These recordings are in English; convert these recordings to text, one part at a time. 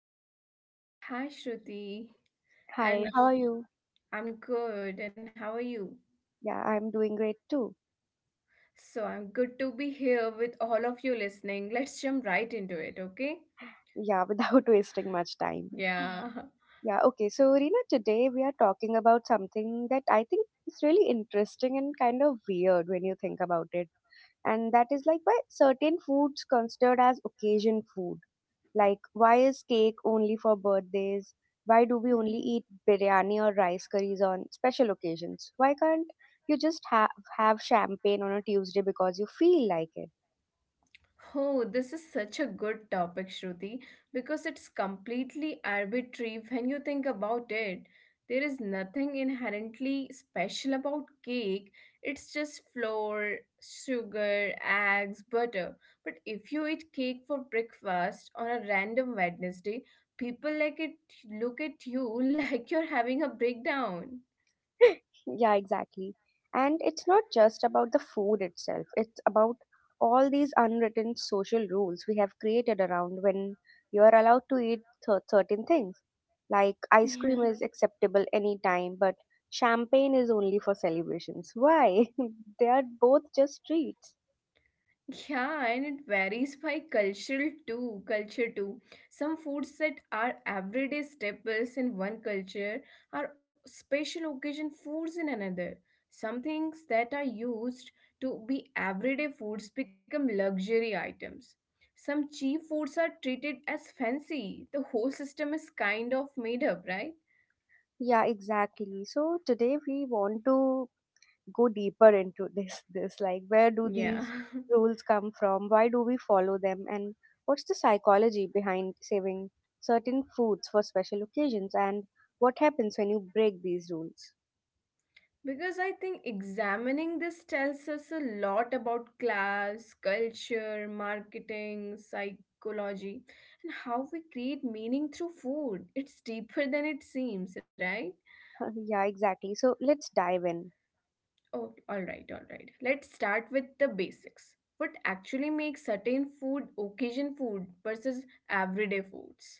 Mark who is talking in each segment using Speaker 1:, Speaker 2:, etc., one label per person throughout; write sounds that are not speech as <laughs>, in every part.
Speaker 1: hi Reena.
Speaker 2: Hi, Shruti.
Speaker 1: Hi, how are
Speaker 2: And
Speaker 1: you?
Speaker 2: I'm good. And how are you?
Speaker 1: Yeah, I'm doing great too.
Speaker 2: So, I'm good to be here with all of you listening. Let's jump right into it, okay?
Speaker 1: Yeah, without <laughs> wasting much time.
Speaker 2: Yeah.
Speaker 1: Yeah, okay. So, Reena, today we are talking about something that I think is really interesting and kind of weird when you think about it. And that is like why certain foods considered as occasion food. Like, why is cake only for birthdays? Why do we only eat
Speaker 2: <laughs>
Speaker 1: biryani or rice curries on special occasions? Why can't you just have champagne on a Tuesday because you feel like it?
Speaker 2: Oh, this is such a good topic, Shruti, because it's completely arbitrary when you think about it. There is nothing inherently special about cake. It's just flour, sugar, eggs, butter. But if you eat cake for breakfast on a random Wednesday, people like it look at you <laughs> like you're having a breakdown.
Speaker 1: <laughs> Yeah, exactly. And it's not just about the food itself, it's about all these unwritten social rules we have created around when you are allowed to eat certain things. Like ice cream
Speaker 2: Yeah.
Speaker 1: is acceptable anytime, but champagne is only for celebrations. Why? <laughs> They are both just treats.
Speaker 2: Yeah, and it varies by culture too. Some foods that are everyday staples in one culture are special occasion foods in another. Some things that are used to be everyday foods become luxury items. Some cheap foods are treated as fancy. The whole system is kind of made up, right?
Speaker 1: Yeah, exactly. So today we want to go deeper into this, like where do these
Speaker 2: Yeah.
Speaker 1: rules come from, why do we follow them, and what's the psychology behind
Speaker 2: <laughs>
Speaker 1: saving certain foods for special occasions, and what happens when you break these rules?
Speaker 2: Because I think examining this tells us a lot about class, culture, marketing, psychology, and how we create meaning through food. It's deeper than it seems, right?
Speaker 1: <laughs> Yeah, exactly, so let's dive in.
Speaker 2: Oh, all right, all right. Let's start with the basics. What actually makes certain food occasion food versus everyday foods?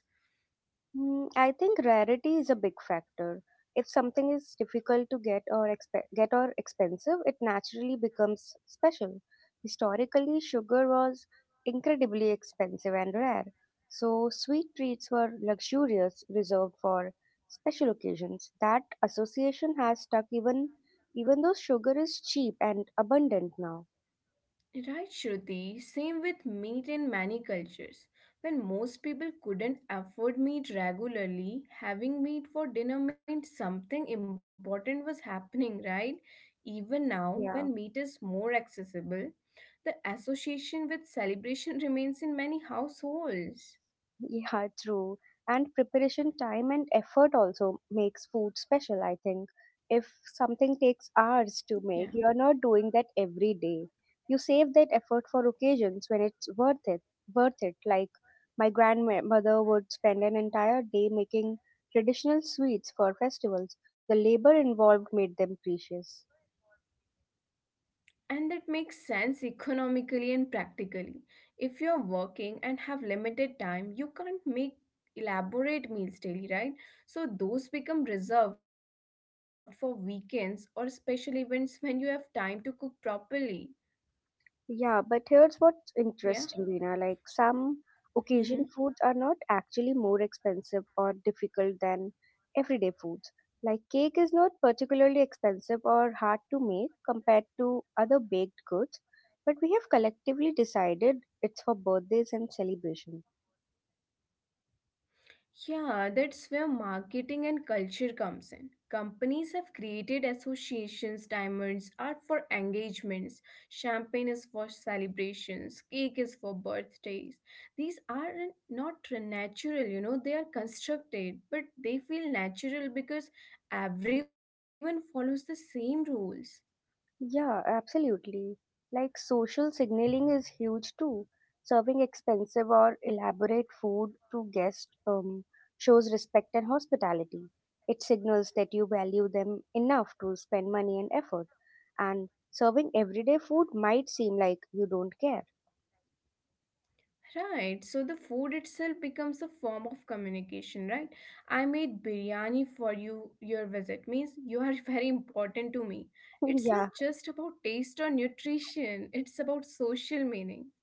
Speaker 1: I think rarity is a big factor. If something is difficult to get or expensive, it naturally becomes special. Historically, sugar was incredibly expensive and rare, so sweet treats were luxurious, reserved for special occasions. That association has stuck even though sugar is cheap and abundant now.
Speaker 2: Right, Shruti. Same with meat in many cultures. When most people couldn't afford meat regularly, having meat for dinner meant something important was happening, right? Even now, when
Speaker 1: Yeah.
Speaker 2: meat is more accessible, the association with celebration <laughs> remains in many households.
Speaker 1: Yeah, true. And preparation time and effort also makes food special, I think. If something takes hours to
Speaker 2: Yeah.
Speaker 1: make, you're not doing that every day. You save that effort for occasions when it's worth it. Like my grandmother would spend an entire day making traditional sweets for festivals. The labor involved made them precious.
Speaker 2: And that makes sense economically and practically. If you're working and have limited time, you can't make elaborate meals daily, right? So those become reserved for weekends or special events when you have time to cook properly.
Speaker 1: Yeah, but here's what's
Speaker 2: Yeah.
Speaker 1: interesting, Veena. Like some occasion
Speaker 2: Mm-hmm.
Speaker 1: foods are not actually more expensive or difficult than everyday foods. Like cake is not particularly expensive or hard to make compared to other baked goods, but we have collectively decided it's for birthdays and celebrations.
Speaker 2: Yeah, that's where marketing and culture comes in. Companies have created associations, diamonds are for engagements, champagne is for celebrations, cake is for birthdays. These are not natural, you know, they are constructed, but they feel natural because everyone follows the same rules.
Speaker 1: Yeah, absolutely. Like social signaling is huge too. Serving expensive or elaborate food to guests shows respect and hospitality. It signals that you value them enough to spend money and effort. And serving everyday food might seem like you don't care.
Speaker 2: Right, so the food itself becomes a form of communication, right? I made biryani for you, your visit means you are <laughs> very important to me.
Speaker 1: <laughs>
Speaker 2: It's not
Speaker 1: Yeah.
Speaker 2: just about taste or nutrition, it's about social meaning.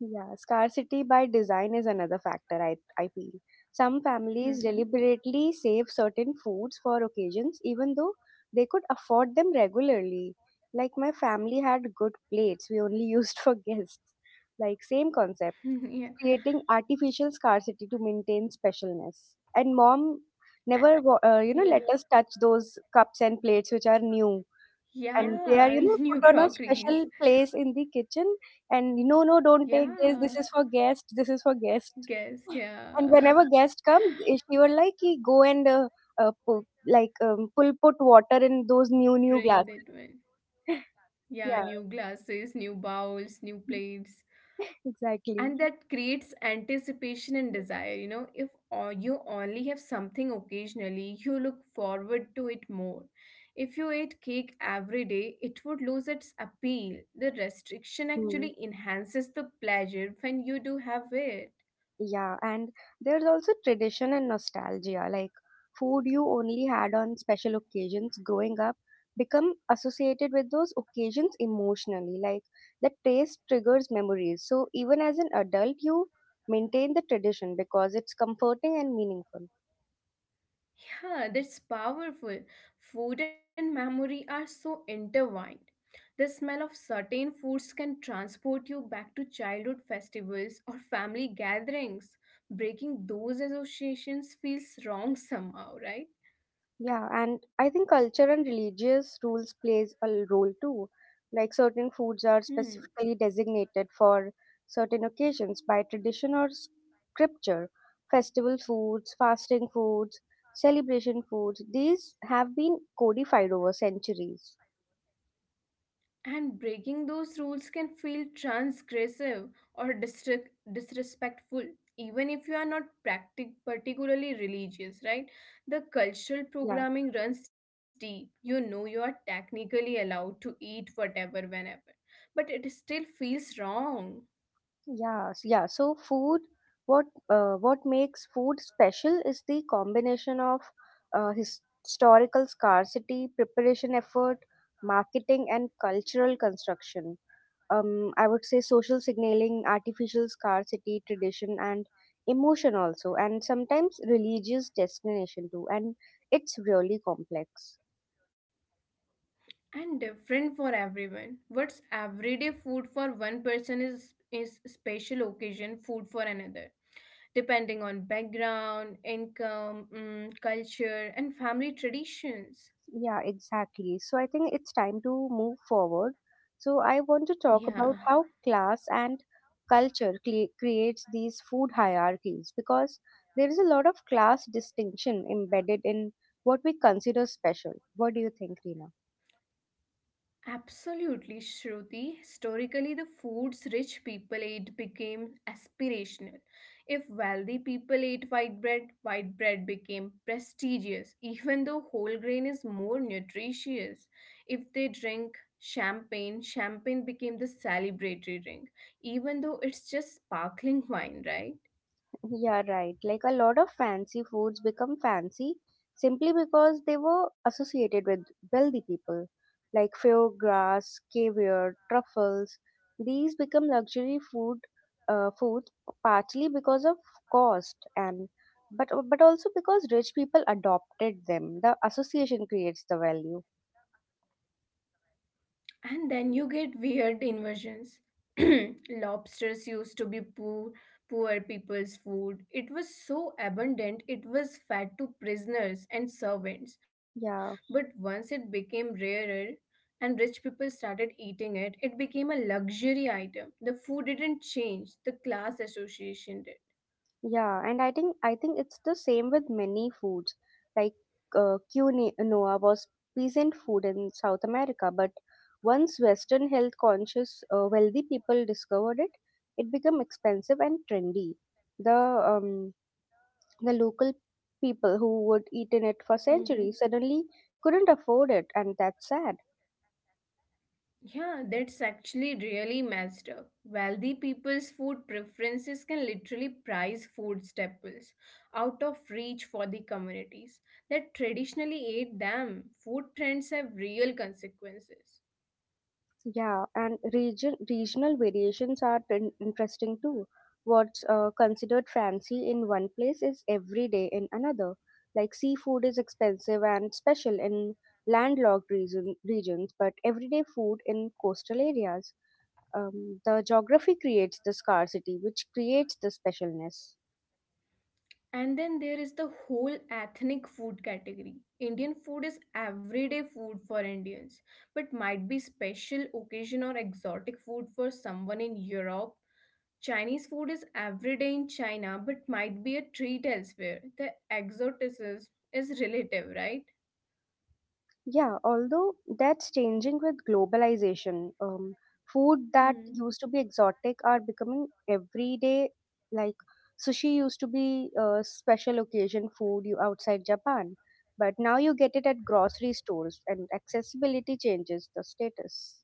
Speaker 1: Yeah, scarcity by design is another factor, I feel. Some families
Speaker 2: Mm-hmm.
Speaker 1: deliberately save certain foods for occasions, even though they could afford them regularly. Like, my family had good plates, we only <laughs> used for guests. Like, same concept,
Speaker 2: <laughs> yeah,
Speaker 1: creating artificial scarcity to maintain specialness. And mom
Speaker 2: Uh,
Speaker 1: never, let
Speaker 2: yeah,
Speaker 1: us touch those cups and plates which are new, and they are,
Speaker 2: yeah, <laughs>
Speaker 1: put
Speaker 2: new
Speaker 1: on a
Speaker 2: crockeries.
Speaker 1: special place in the kitchen. And no, no, don't take this, this
Speaker 2: Yeah,
Speaker 1: is for guest, this is for guest.
Speaker 2: guest,
Speaker 1: And
Speaker 2: yeah.
Speaker 1: whenever
Speaker 2: <laughs>
Speaker 1: guest comes, she would like, "Ki, go and uh, pu- like pull put water in those new
Speaker 2: Bring
Speaker 1: new
Speaker 2: that one.
Speaker 1: glasses."
Speaker 2: Yeah,
Speaker 1: <laughs>
Speaker 2: new
Speaker 1: Yeah.
Speaker 2: glasses, new bowls, new plates.
Speaker 1: <laughs> Exactly.
Speaker 2: And that creates anticipation and desire. You know, if you only have something occasionally, you look forward to it more. If you ate cake every day, it would lose its appeal. The restriction
Speaker 1: Hmm.
Speaker 2: actually enhances the pleasure when you do have it.
Speaker 1: Yeah, and there's also tradition and nostalgia, like food you only had on special occasions growing up become associated with those occasions emotionally. Like the taste triggers memories. So even as an adult, you maintain the tradition because it's comforting and meaningful.
Speaker 2: Yeah, that's powerful. Food and memory are so intertwined. The smell of certain foods can transport you back to childhood festivals or family gatherings. Breaking those associations feels wrong somehow, right?
Speaker 1: Yeah, and I think culture and religious rules plays a role too. Like certain foods
Speaker 2: Hmm.
Speaker 1: are specifically designated for certain occasions by tradition or scripture. Festival foods, fasting foods, celebration foods, these have been codified over centuries.
Speaker 2: And breaking those rules can feel transgressive or disrespectful, even if you are not particularly religious, right? The cultural
Speaker 1: Yeah.
Speaker 2: programming runs deep. You know you are technically allowed to eat whatever, whenever, but it still feels wrong
Speaker 1: Yeah. So food, what makes food special is the combination of historical scarcity, preparation effort, marketing, and cultural construction. I would say social signaling, artificial scarcity, tradition, and emotion also, and sometimes religious destination too. And it's really complex.
Speaker 2: and different for everyone. What's everyday food for one person is special occasion food for another, depending on background, income, mm, culture, and family traditions.
Speaker 1: Yeah, exactly. So I think it's time to move forward. So I want to talk
Speaker 2: Yeah.
Speaker 1: about how class and culture creates these food hierarchies, because there is a lot of class distinction embedded in what we consider special. What do you think, Reena?
Speaker 2: Absolutely, Shruti. Historically, the foods rich people ate became aspirational. If wealthy people ate white bread became prestigious, <laughs> even though whole grain is more nutritious. If they drink champagne, champagne became the celebratory drink, even though it's just sparkling <laughs> wine, right?
Speaker 1: Yeah, right. Like a lot of fancy foods become fancy simply because they were associated with wealthy people. Like foie gras, caviar, truffles. These become luxury food, partly because of cost, and but also because rich people adopted them. The association creates the value.
Speaker 2: And then you get weird inversions. <clears throat> Lobsters used to be poor people's food. It was so abundant, it was fed to prisoners and servants. But
Speaker 1: Yeah.
Speaker 2: once it became rarer and rich people started eating it, it became a luxury item. The food didn't change, the class association did.
Speaker 1: Yeah, and I think it's the same with many foods. Like quinoa was peasant food in South America, but once Western health conscious wealthy people discovered it, it became expensive and trendy. The um, the local people who would eat in it for
Speaker 2: Mm-hmm.
Speaker 1: centuries suddenly couldn't afford it, and that's sad.
Speaker 2: Yeah, that's actually really messed up. Wealthy people's food preferences can literally price food staples out of reach for the communities that traditionally ate them. Food trends have real consequences.
Speaker 1: Yeah, and regional variations are interesting too. What's considered fancy in one place is everyday in another. Like seafood is expensive and special in landlocked regions, but everyday food in coastal areas. The geography creates the scarcity, which creates the specialness.
Speaker 2: And then there is the whole ethnic food category. Indian food is everyday food for Indians, but might be special occasion or exotic food for someone in Europe. Chinese food is everyday in China but might be a treat elsewhere. The exoticism is relative, right?
Speaker 1: Yeah, although that's changing with globalization. Food that
Speaker 2: Hmm.
Speaker 1: used to be exotic are becoming everyday. Like sushi used to be a special occasion food you outside Japan, but now you get it at grocery stores, and accessibility changes the status.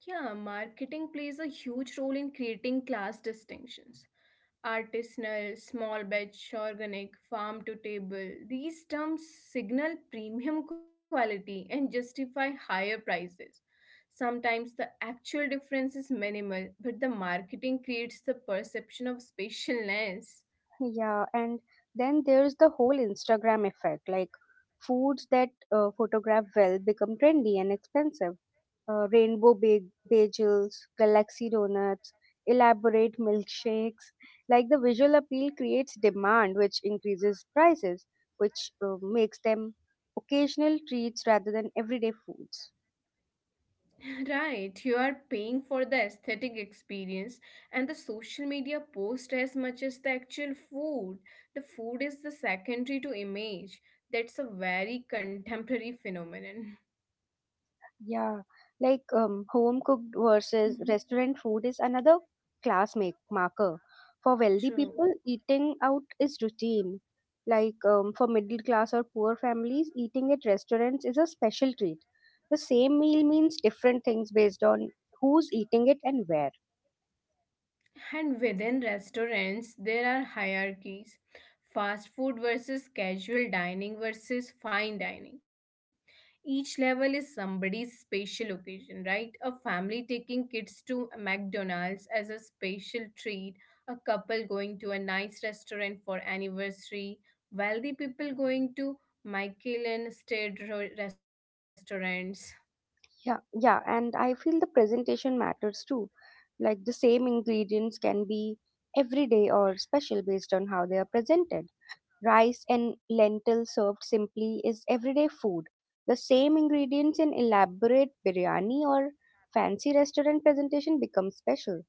Speaker 2: Yeah, marketing plays a huge role in creating class distinctions. Artisanal, small batch, organic, farm to table, these terms signal premium quality and justify higher prices. Sometimes the actual difference is minimal, but the marketing creates the perception of specialness.
Speaker 1: Yeah, and then there's the whole Instagram effect. Like foods that photograph well become trendy and expensive. Rainbow bagels, galaxy donuts, elaborate milkshakes. Like the visual appeal creates demand, which increases prices, which makes them occasional treats rather than everyday foods.
Speaker 2: Right, you are paying for the aesthetic experience, and the social media post as much as the actual food. The food is the secondary to image. That's a very contemporary phenomenon.
Speaker 1: Yeah, like home cooked versus
Speaker 2: Mhm.
Speaker 1: restaurant food is another class make marker. For wealthy
Speaker 2: True.
Speaker 1: people, eating out is routine. Like for middle class or poor families, eating at restaurants is a special treat. The same meal means different things based on who's eating it and where.
Speaker 2: And within restaurants, there are hierarchies: fast food versus casual dining versus fine dining. Each level is somebody's special occasion, right? A family taking kids to McDonald's as a special treat, a couple going to a nice restaurant for anniversary, wealthy people going to Michelin state restaurants,
Speaker 1: Yeah, yeah, and I feel the presentation matters too. Like the same ingredients can be everyday or special based on how they are presented. Rice and lentils served simply is everyday food. The same ingredients in elaborate biryani or fancy restaurant presentation become special.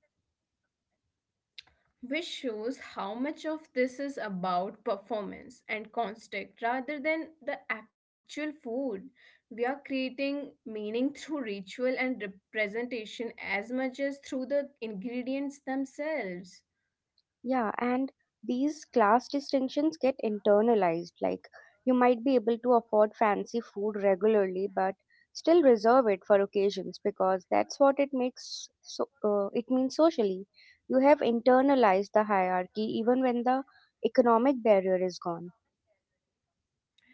Speaker 2: which shows how much of this is about performance and construct rather than the actual food. We are creating meaning <laughs> through ritual and representation as much as through the ingredients themselves.
Speaker 1: Yeah, and these class distinctions get internalized. Like, you might be able to afford fancy food regularly, but still reserve it for occasions because that's what it makes so it means socially. You have internalized the hierarchy even when the economic barrier is gone.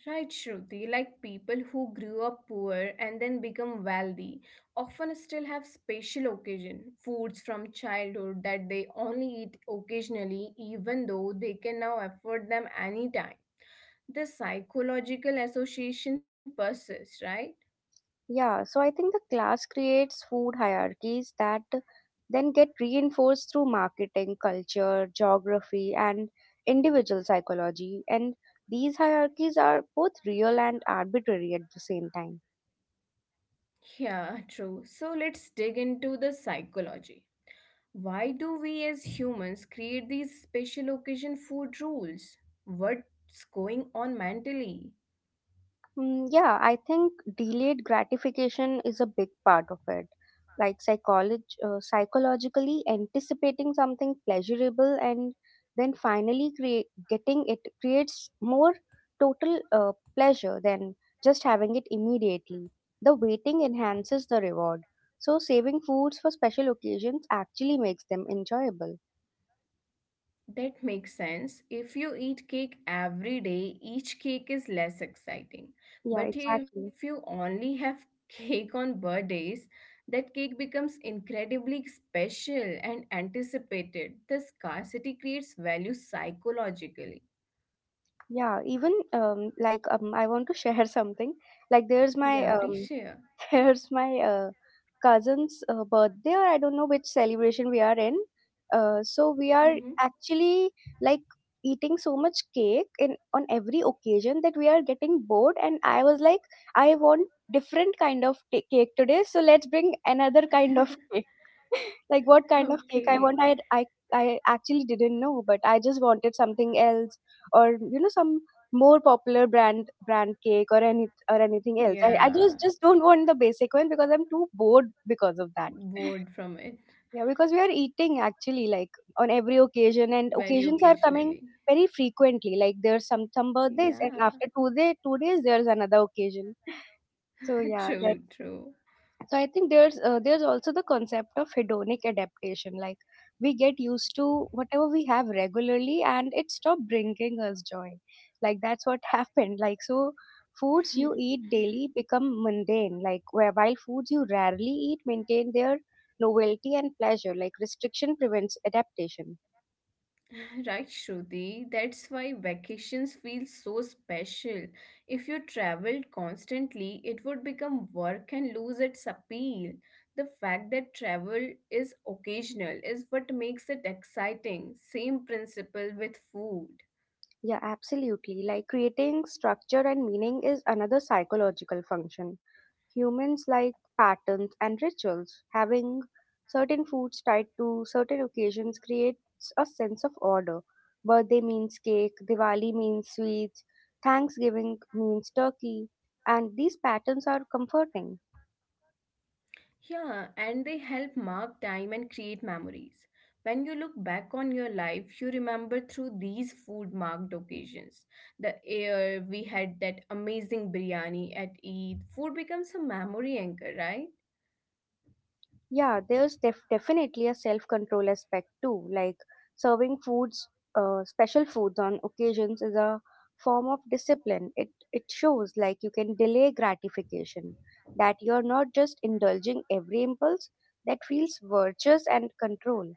Speaker 2: Right, Shruti, like people who grew up poor and then become wealthy often still have special occasion foods from childhood that they only eat occasionally, even though they can now afford them anytime. The psychological association persists, right?
Speaker 1: Yeah, so I think the class creates food hierarchies that then get reinforced through marketing, culture, geography, and individual psychology. And these hierarchies are both real and arbitrary at the same time.
Speaker 2: Yeah, true. So let's dig into the psychology. Why do we as humans create these special occasion food rules? What's going on mentally?
Speaker 1: Mm, yeah, I think delayed gratification is a big part of it. Like psychologically anticipating something pleasurable and then finally create getting it creates more total pleasure than just having it immediately. The waiting enhances the reward. So saving foods for special occasions actually makes them enjoyable.
Speaker 2: That makes sense. If you eat cake every day, each cake is less exciting.
Speaker 1: Yeah,
Speaker 2: But if you
Speaker 1: exactly.
Speaker 2: only have <laughs> cake on birthdays, that cake becomes incredibly special and anticipated. The scarcity creates value psychologically.
Speaker 1: Yeah, even like I want to share <laughs> something. Like there's my
Speaker 2: Yeah, please share.
Speaker 1: there's my cousin's birthday, or I don't know which celebration we are in. So we are
Speaker 2: Mhm.
Speaker 1: actually like eating so much cake in on every occasion that we are getting bored. And I was like, I want different kind of cake today, so let's bring another kind of <laughs>
Speaker 2: <laughs>
Speaker 1: cake, like what kind of cake I
Speaker 2: Okay.
Speaker 1: want. I actually didn't know, but I just wanted something else, or you know, some more popular brand cake, or anything else. I
Speaker 2: Yeah.
Speaker 1: just don't want the basic one because I'm too bored because of that.
Speaker 2: Bored from it
Speaker 1: Yeah, because we are eating actually like on every occasion, and
Speaker 2: very
Speaker 1: occasions are
Speaker 2: occasionally.
Speaker 1: coming very frequently. Like there's some birthdays,
Speaker 2: Yeah.
Speaker 1: and after two days there's another occasion. So
Speaker 2: <laughs>
Speaker 1: yeah,
Speaker 2: True,
Speaker 1: that
Speaker 2: true.
Speaker 1: so I think there's also the concept of hedonic adaptation. Like we get used to whatever we have regularly and it stopped bringing us joy, like that's what <laughs> happened. Like so foods you
Speaker 2: <laughs>
Speaker 1: eat daily become mundane, like where while foods you rarely eat maintain their novelty and pleasure, like restriction prevents adaptation.
Speaker 2: Right, Shruti. That's why vacations feel so special. If you traveled constantly, it would become work and lose its appeal. The fact that travel is occasional is what makes it exciting. Same principle with food.
Speaker 1: Yeah, absolutely. Like creating structure and meaning is another psychological function. Humans like patterns and rituals. Having certain foods tied to certain occasions creates a sense of order. Birthday means cake, Diwali means sweets, Thanksgiving means turkey, and these patterns are comforting.
Speaker 2: Yeah, and they help mark time and create memories. When you look back on your life, you remember through these food marked occasions. The air, we had that amazing biryani at Eid. Food becomes a memory anchor, right?
Speaker 1: Yeah, there's definitely a self-control aspect too. Like serving special foods on occasions is a form of discipline. It shows like you can delay gratification, that you're not just indulging every impulse. That feels virtuous and control.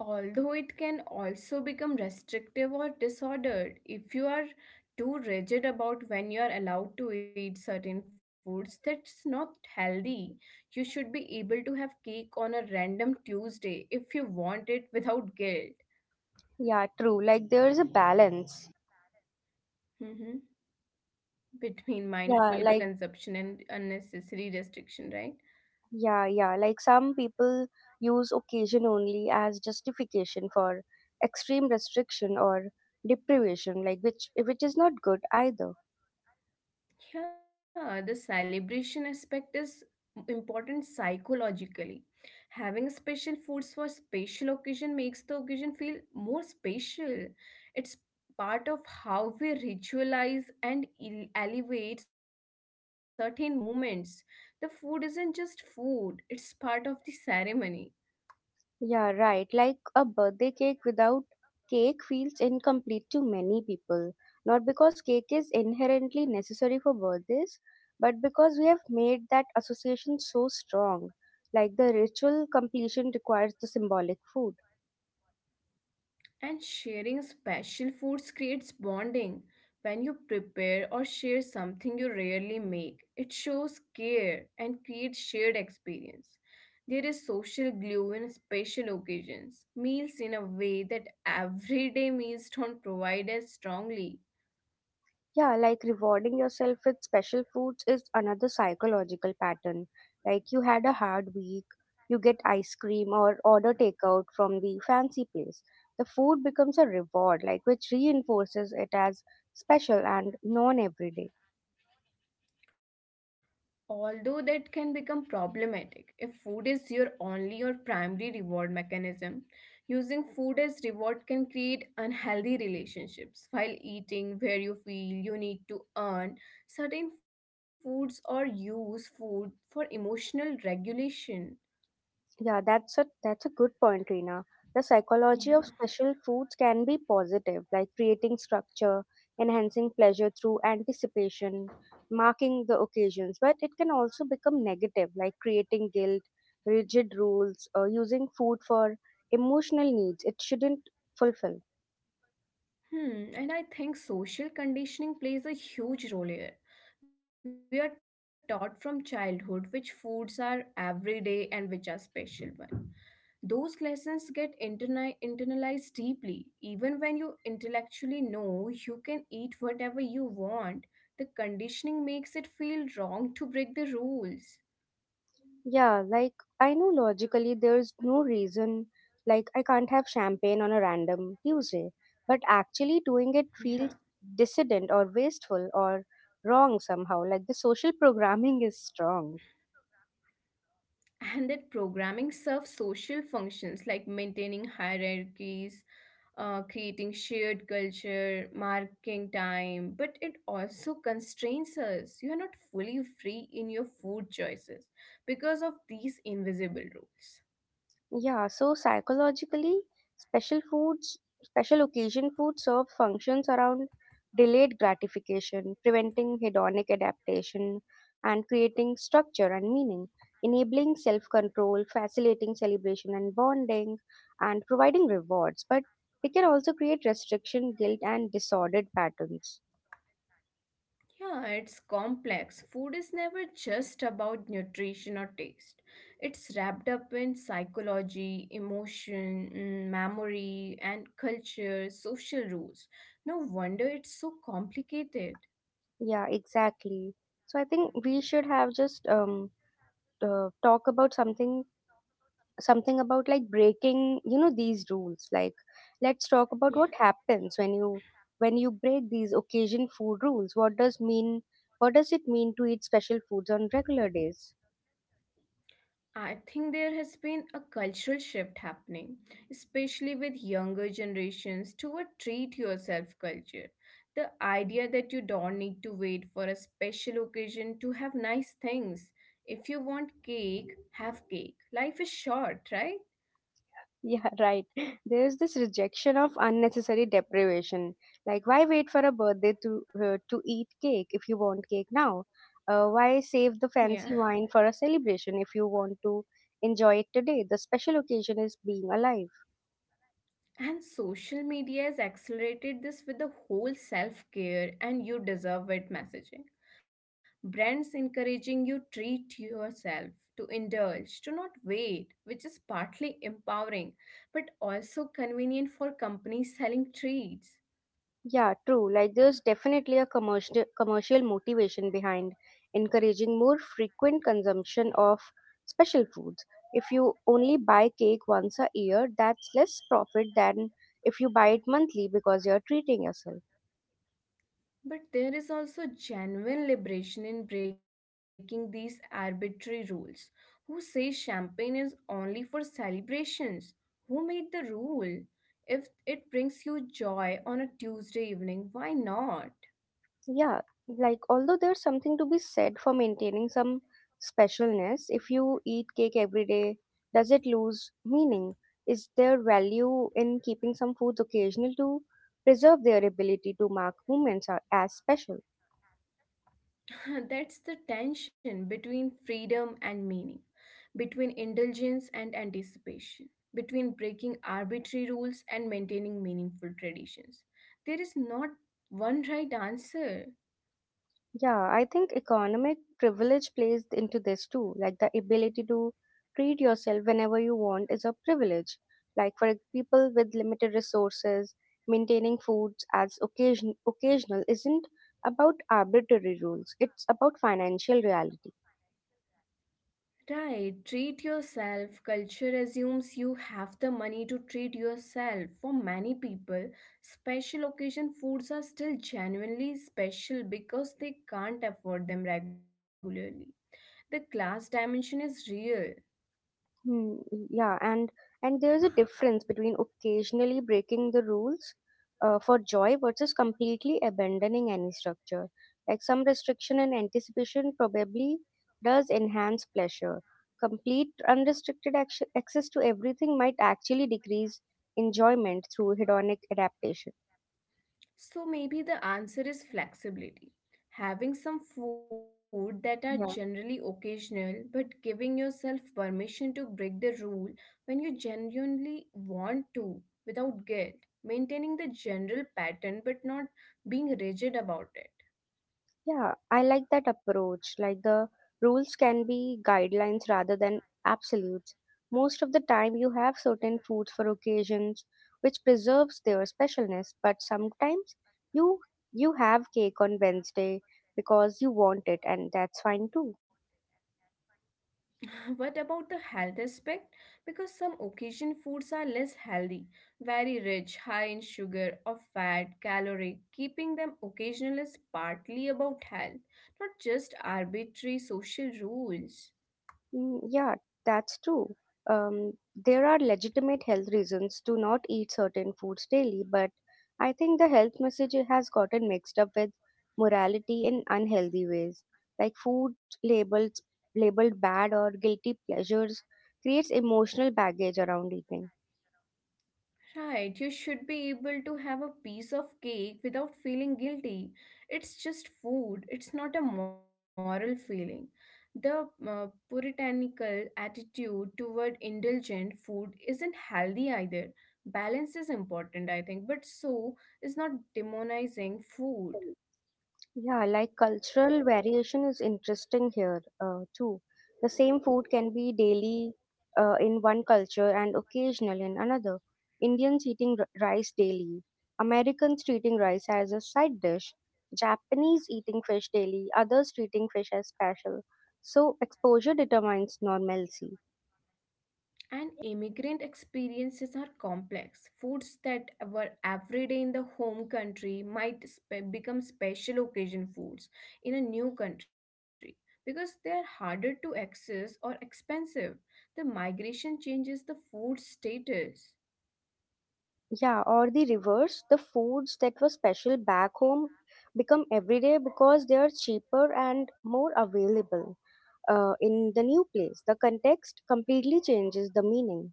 Speaker 2: Although it can also become restrictive or disordered if you are too rigid about when you are allowed to eat certain foods. That's not healthy. You should be able to have cake on a random Tuesday if you want it without guilt.
Speaker 1: Yeah, true. Like there is a balance.
Speaker 2: Hmm, between
Speaker 1: Yeah,
Speaker 2: mindful
Speaker 1: like.
Speaker 2: consumption and unnecessary restriction, right?
Speaker 1: Yeah, yeah. Like some people use occasion only as justification for extreme restriction or deprivation, like which is not good either.
Speaker 2: Yeah, the celebration aspect is important psychologically. Having special foods for special occasion makes the occasion feel more special. It's part of how we ritualize and elevate certain moments. The food isn't just food, it's part of the ceremony.
Speaker 1: Yeah, right. Like a birthday cake without cake feels incomplete to many people. Not because cake is inherently necessary for birthdays, but because we have made that association so strong. Like the ritual completion requires the symbolic food.
Speaker 2: And sharing special foods creates bonding. When you prepare or share something you rarely make, it shows care and creates shared experience. There is social glue in special occasions, meals in a way that everyday meals don't provide as strongly.
Speaker 1: Yeah, like rewarding yourself with special foods is another psychological pattern. Like you had a hard week, you get ice cream or order takeout from the fancy place. The food becomes a reward, like which reinforces it as special and non everyday.
Speaker 2: Although that can become problematic if food is your only or primary reward mechanism, using food as reward can create unhealthy relationships. While eating where you feel you need to earn certain foods or use food for emotional regulation.
Speaker 1: Yeah, that's a good point, Reena. The psychology of
Speaker 2: Yeah.
Speaker 1: special foods can be positive, like creating structure, enhancing pleasure through anticipation, marking the occasions, but it can also become negative, like creating guilt, rigid rules, or using food for emotional needs it shouldn't fulfill.
Speaker 2: Hmm, and I think social conditioning plays a huge role here. We are taught from childhood which foods are everyday and which are special ones. Those lessons get internalized deeply. Even when you intellectually know you can eat whatever you want, the conditioning makes it feel wrong to break the rules.
Speaker 1: Yeah, like I know logically there's no reason, like I can't have champagne on a random Tuesday, but actually doing it feels
Speaker 2: Yeah.
Speaker 1: dissident or wasteful or wrong somehow. Like the social programming is strong.
Speaker 2: And that programming serves social functions like maintaining hierarchies, creating shared culture, marking time, but it also constrains us. You are not fully free in your food choices because of these invisible rules.
Speaker 1: Yeah, so psychologically, special foods, special occasion foods serve functions around delayed gratification, preventing hedonic adaptation, and creating structure and meaning, enabling self control, facilitating celebration and bonding, and providing rewards. But they can also create restriction, guilt, and disordered patterns.
Speaker 2: Yeah, it's complex. Food is never just about nutrition or taste. It's wrapped up in psychology, emotion, mm, memory, and culture, social rules. No wonder it's so complicated.
Speaker 1: Yeah, exactly. So I think we should have just talk about something about like breaking these rules. Like let's talk about what happens when you break these occasion food rules. What does mean, what does it mean to eat special foods on regular days?
Speaker 2: I think there has been a cultural shift happening, especially with younger generations, toward treat yourself culture. The idea that you don't need to wait for a special occasion to have nice things. If you want cake, have cake. Life is short, right?
Speaker 1: Yeah, right. <laughs> There's this rejection of unnecessary deprivation. Like why wait for a birthday to eat cake if you want cake now? Why save the
Speaker 2: Yeah. <laughs>
Speaker 1: fancy wine for a celebration if you want to enjoy it today? The special occasion is being alive.
Speaker 2: And social media has accelerated this with the whole self care and you deserve it messaging. Brands encouraging you treat yourself, to indulge, to not wait, which is partly empowering but also convenient for companies selling treats.
Speaker 1: Yeah, true. Like there's definitely a commercial motivation behind encouraging more frequent consumption of special foods. If you only buy cake once a year, that's less profit than if you buy it monthly because you're treating yourself.
Speaker 2: But there is also genuine liberation in breaking these arbitrary rules. Who says champagne is only for celebrations? Who made the rule? If it brings you joy on a Tuesday evening, why not?
Speaker 1: Yeah, like although there's something to be said for maintaining some specialness, if you eat cake every day, does it lose meaning? Is there value in keeping some foods occasional to preserve their ability to mark moments as special?
Speaker 2: <laughs> That's the tension between freedom and meaning, between indulgence and anticipation, between breaking arbitrary rules and maintaining meaningful traditions. There is not one right answer.
Speaker 1: Yeah, I think economic privilege plays into this too. Like the ability to treat yourself whenever you want is a privilege. Like for people with limited resources, maintaining foods as occasional isn't about arbitrary rules. It's about financial reality.
Speaker 2: Right, treat yourself. Culture assumes you have the money to treat yourself. For many people, special occasion foods are still genuinely special because they can't afford them regularly. The class dimension is real.
Speaker 1: Hmm, yeah, and there's a difference between occasionally breaking the rules for joy versus completely abandoning any structure. Like some restriction and anticipation probably does enhance pleasure. Complete unrestricted access to everything might actually decrease enjoyment through hedonic adaptation.
Speaker 2: So maybe the answer is flexibility. Having some food that are generally occasional, but giving yourself permission to break the rule when you genuinely want to without guilt. Maintaining the general pattern but not being rigid about it.
Speaker 1: Yeah, I like that approach. Like the rules can be guidelines rather than absolutes. Most of the time, you have certain foods for occasions, which preserves their specialness. But sometimes you you have cake on Wednesday because you want it, and that's fine too.
Speaker 2: <laughs> What about the health aspect? Because some occasion foods are less healthy, very rich, high in sugar or fat, calorie. Keeping them occasional is partly about health, not just arbitrary social rules.
Speaker 1: Mm, yeah, that's true. There are legitimate health reasons to not eat certain foods daily, but I think the health message has gotten mixed up with morality in unhealthy ways. Like food labeled labeled bad or guilty pleasures creates emotional baggage around eating.
Speaker 2: Right, you should be able to have a piece of cake without feeling guilty. It's just food, it's not a moral feeling. The puritanical attitude toward indulgent food isn't healthy either. Balance is important, I think, but so is not demonizing food.
Speaker 1: Yeah, like cultural variation is interesting here too. The same food can be daily in one culture and occasional in another. Indians eating rice daily, Americans treating rice as a side dish, Japanese eating fish daily, others treating fish as special. So exposure determines normalcy.
Speaker 2: And immigrant experiences are complex. Foods that were everyday in the home country might become special occasion foods in a new country because they are harder to access or expensive. The migration changes the food status.
Speaker 1: Yeah, or the reverse, the foods that were special back home become everyday because they are cheaper and more available in the new place. The context completely changes the meaning.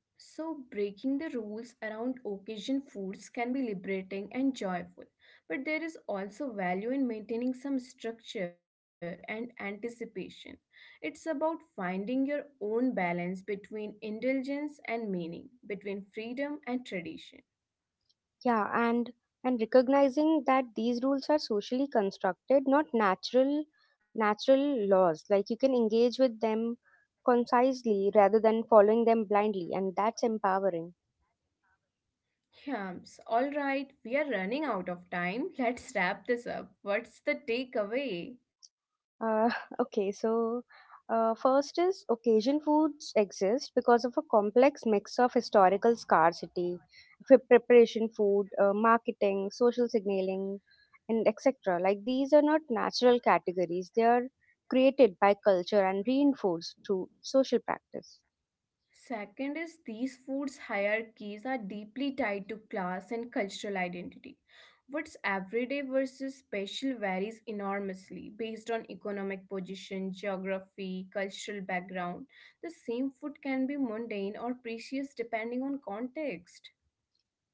Speaker 2: So, breaking the rules around occasion foods can be liberating and joyful, but there is also value in maintaining some structure and anticipation. It's about finding your own balance between indulgence and meaning, between freedom and tradition.
Speaker 1: Yeah, and recognizing that these rules are socially constructed, not natural laws. Like you can engage with them concisely rather than following them blindly, and that's empowering.
Speaker 2: Yams, alright, we are running out of time. <laughs> Let's wrap this up. What's the takeaway?
Speaker 1: Uh, <laughs> okay, so first is occasion foods exist because of a complex mix of historical scarcity, preparation food, marketing, social signaling, and etc. Like these are not natural categories, they are created by culture and reinforced through social practice.
Speaker 2: Second is these foods' hierarchies are deeply tied to class and cultural identity. What's everyday versus special varies enormously based on economic position, geography, cultural background. The same food can be mundane or precious depending on context.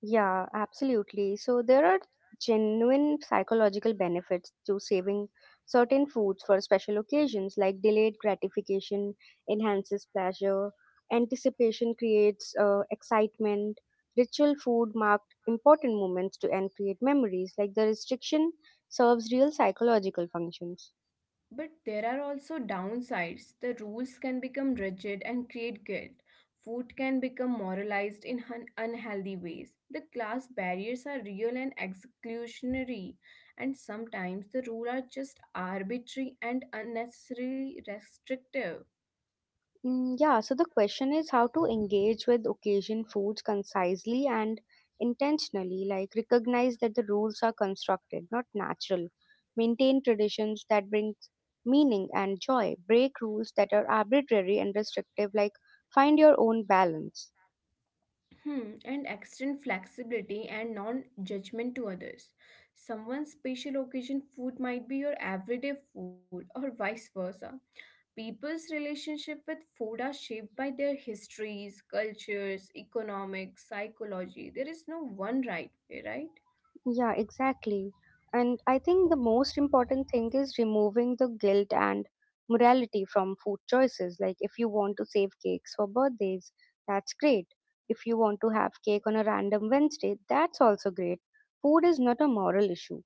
Speaker 1: Yeah, absolutely. So there are genuine psychological benefits to saving certain foods for special occasions, like delayed gratification enhances pleasure, anticipation creates excitement, ritual food marked important moments to and create memories, like the restriction serves real psychological functions.
Speaker 2: But there are also downsides. The rules can become rigid and create guilt. Food can become moralized in unhealthy ways. The class barriers are real and exclusionary, and sometimes the rules are just arbitrary and unnecessarily restrictive.
Speaker 1: Mm, yeah, so the question is how to engage with occasion foods concisely and intentionally, like recognize that the rules are constructed, not natural. Maintain traditions that bring meaning and joy. Break rules that are arbitrary and restrictive, like find your own balance.
Speaker 2: Hmm, and extend flexibility and non judgment to others. Someone's special occasion food might be your everyday food, or vice versa. People's relationship with food are shaped by their histories, cultures, economics, psychology. There is no one right way, right?
Speaker 1: Yeah, exactly. And I think the most important thing is removing the guilt and morality from food choices. Like, if you want to save cakes for birthdays, that's great. If you want to have cake on a random Wednesday, that's also great. Food is not a moral issue.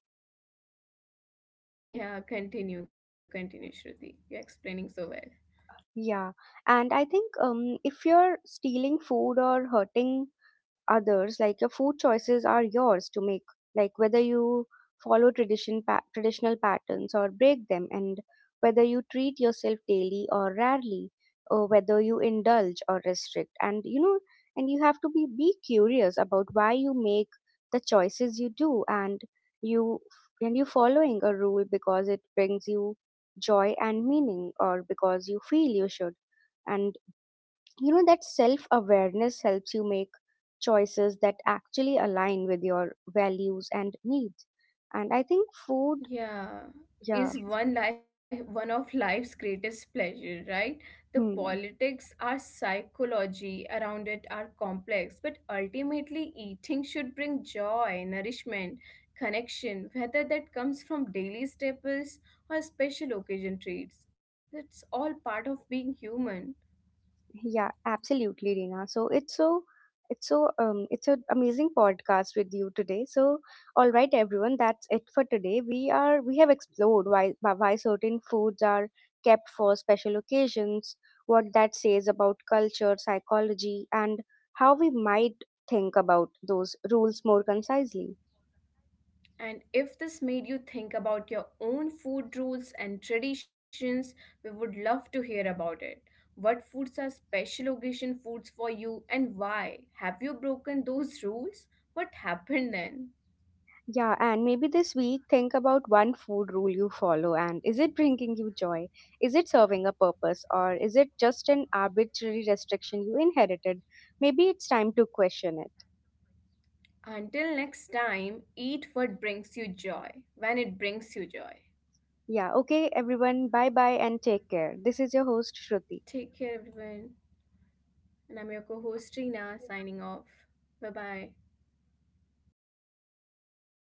Speaker 2: <laughs> Yeah, continue, continue, Shruti. You're explaining so well.
Speaker 1: Yeah. And I think if you're stealing food or hurting others, like your food choices are yours to make, like whether you follow tradition traditional patterns or break them, and whether you treat yourself daily or rarely, or whether you indulge or restrict. And and you have to be curious about why you make the choices you do, you and you following a rule because it brings you joy and meaning or because you feel you should. And you know, that self awareness helps you make choices that actually align with your values and needs. And I think food,
Speaker 2: Yeah,
Speaker 1: yeah.
Speaker 2: is one of life's greatest pleasure, right? The
Speaker 1: Hmm.
Speaker 2: politics, our psychology around it are complex, but ultimately eating should bring joy, nourishment, connection, whether that comes from daily staples or special occasion treats. It's all part of being human.
Speaker 1: Yeah, absolutely, Reena. So it's an amazing podcast with you today. So all right, everyone, that's it for today. We have explored why certain foods are kept for special occasions, what that says about culture, psychology, and how we might think about those rules more concisely.
Speaker 2: And if this made you think about your own food rules and traditions, we would love to hear about it. What foods are special occasion foods for you and why? Have you broken those rules? What happened then?
Speaker 1: Yeah, and maybe this week think about one food rule you follow and is it bringing you joy? Is it serving a purpose or is it just an arbitrary restriction you inherited? Maybe it's time to question it.
Speaker 2: Until next time, eat what brings you joy when it brings you joy.
Speaker 1: Yeah, okay, everyone, bye bye and take care. This is your host, Shruti.
Speaker 2: Take care, everyone. And I'm your co host, Rina, signing off. Bye bye.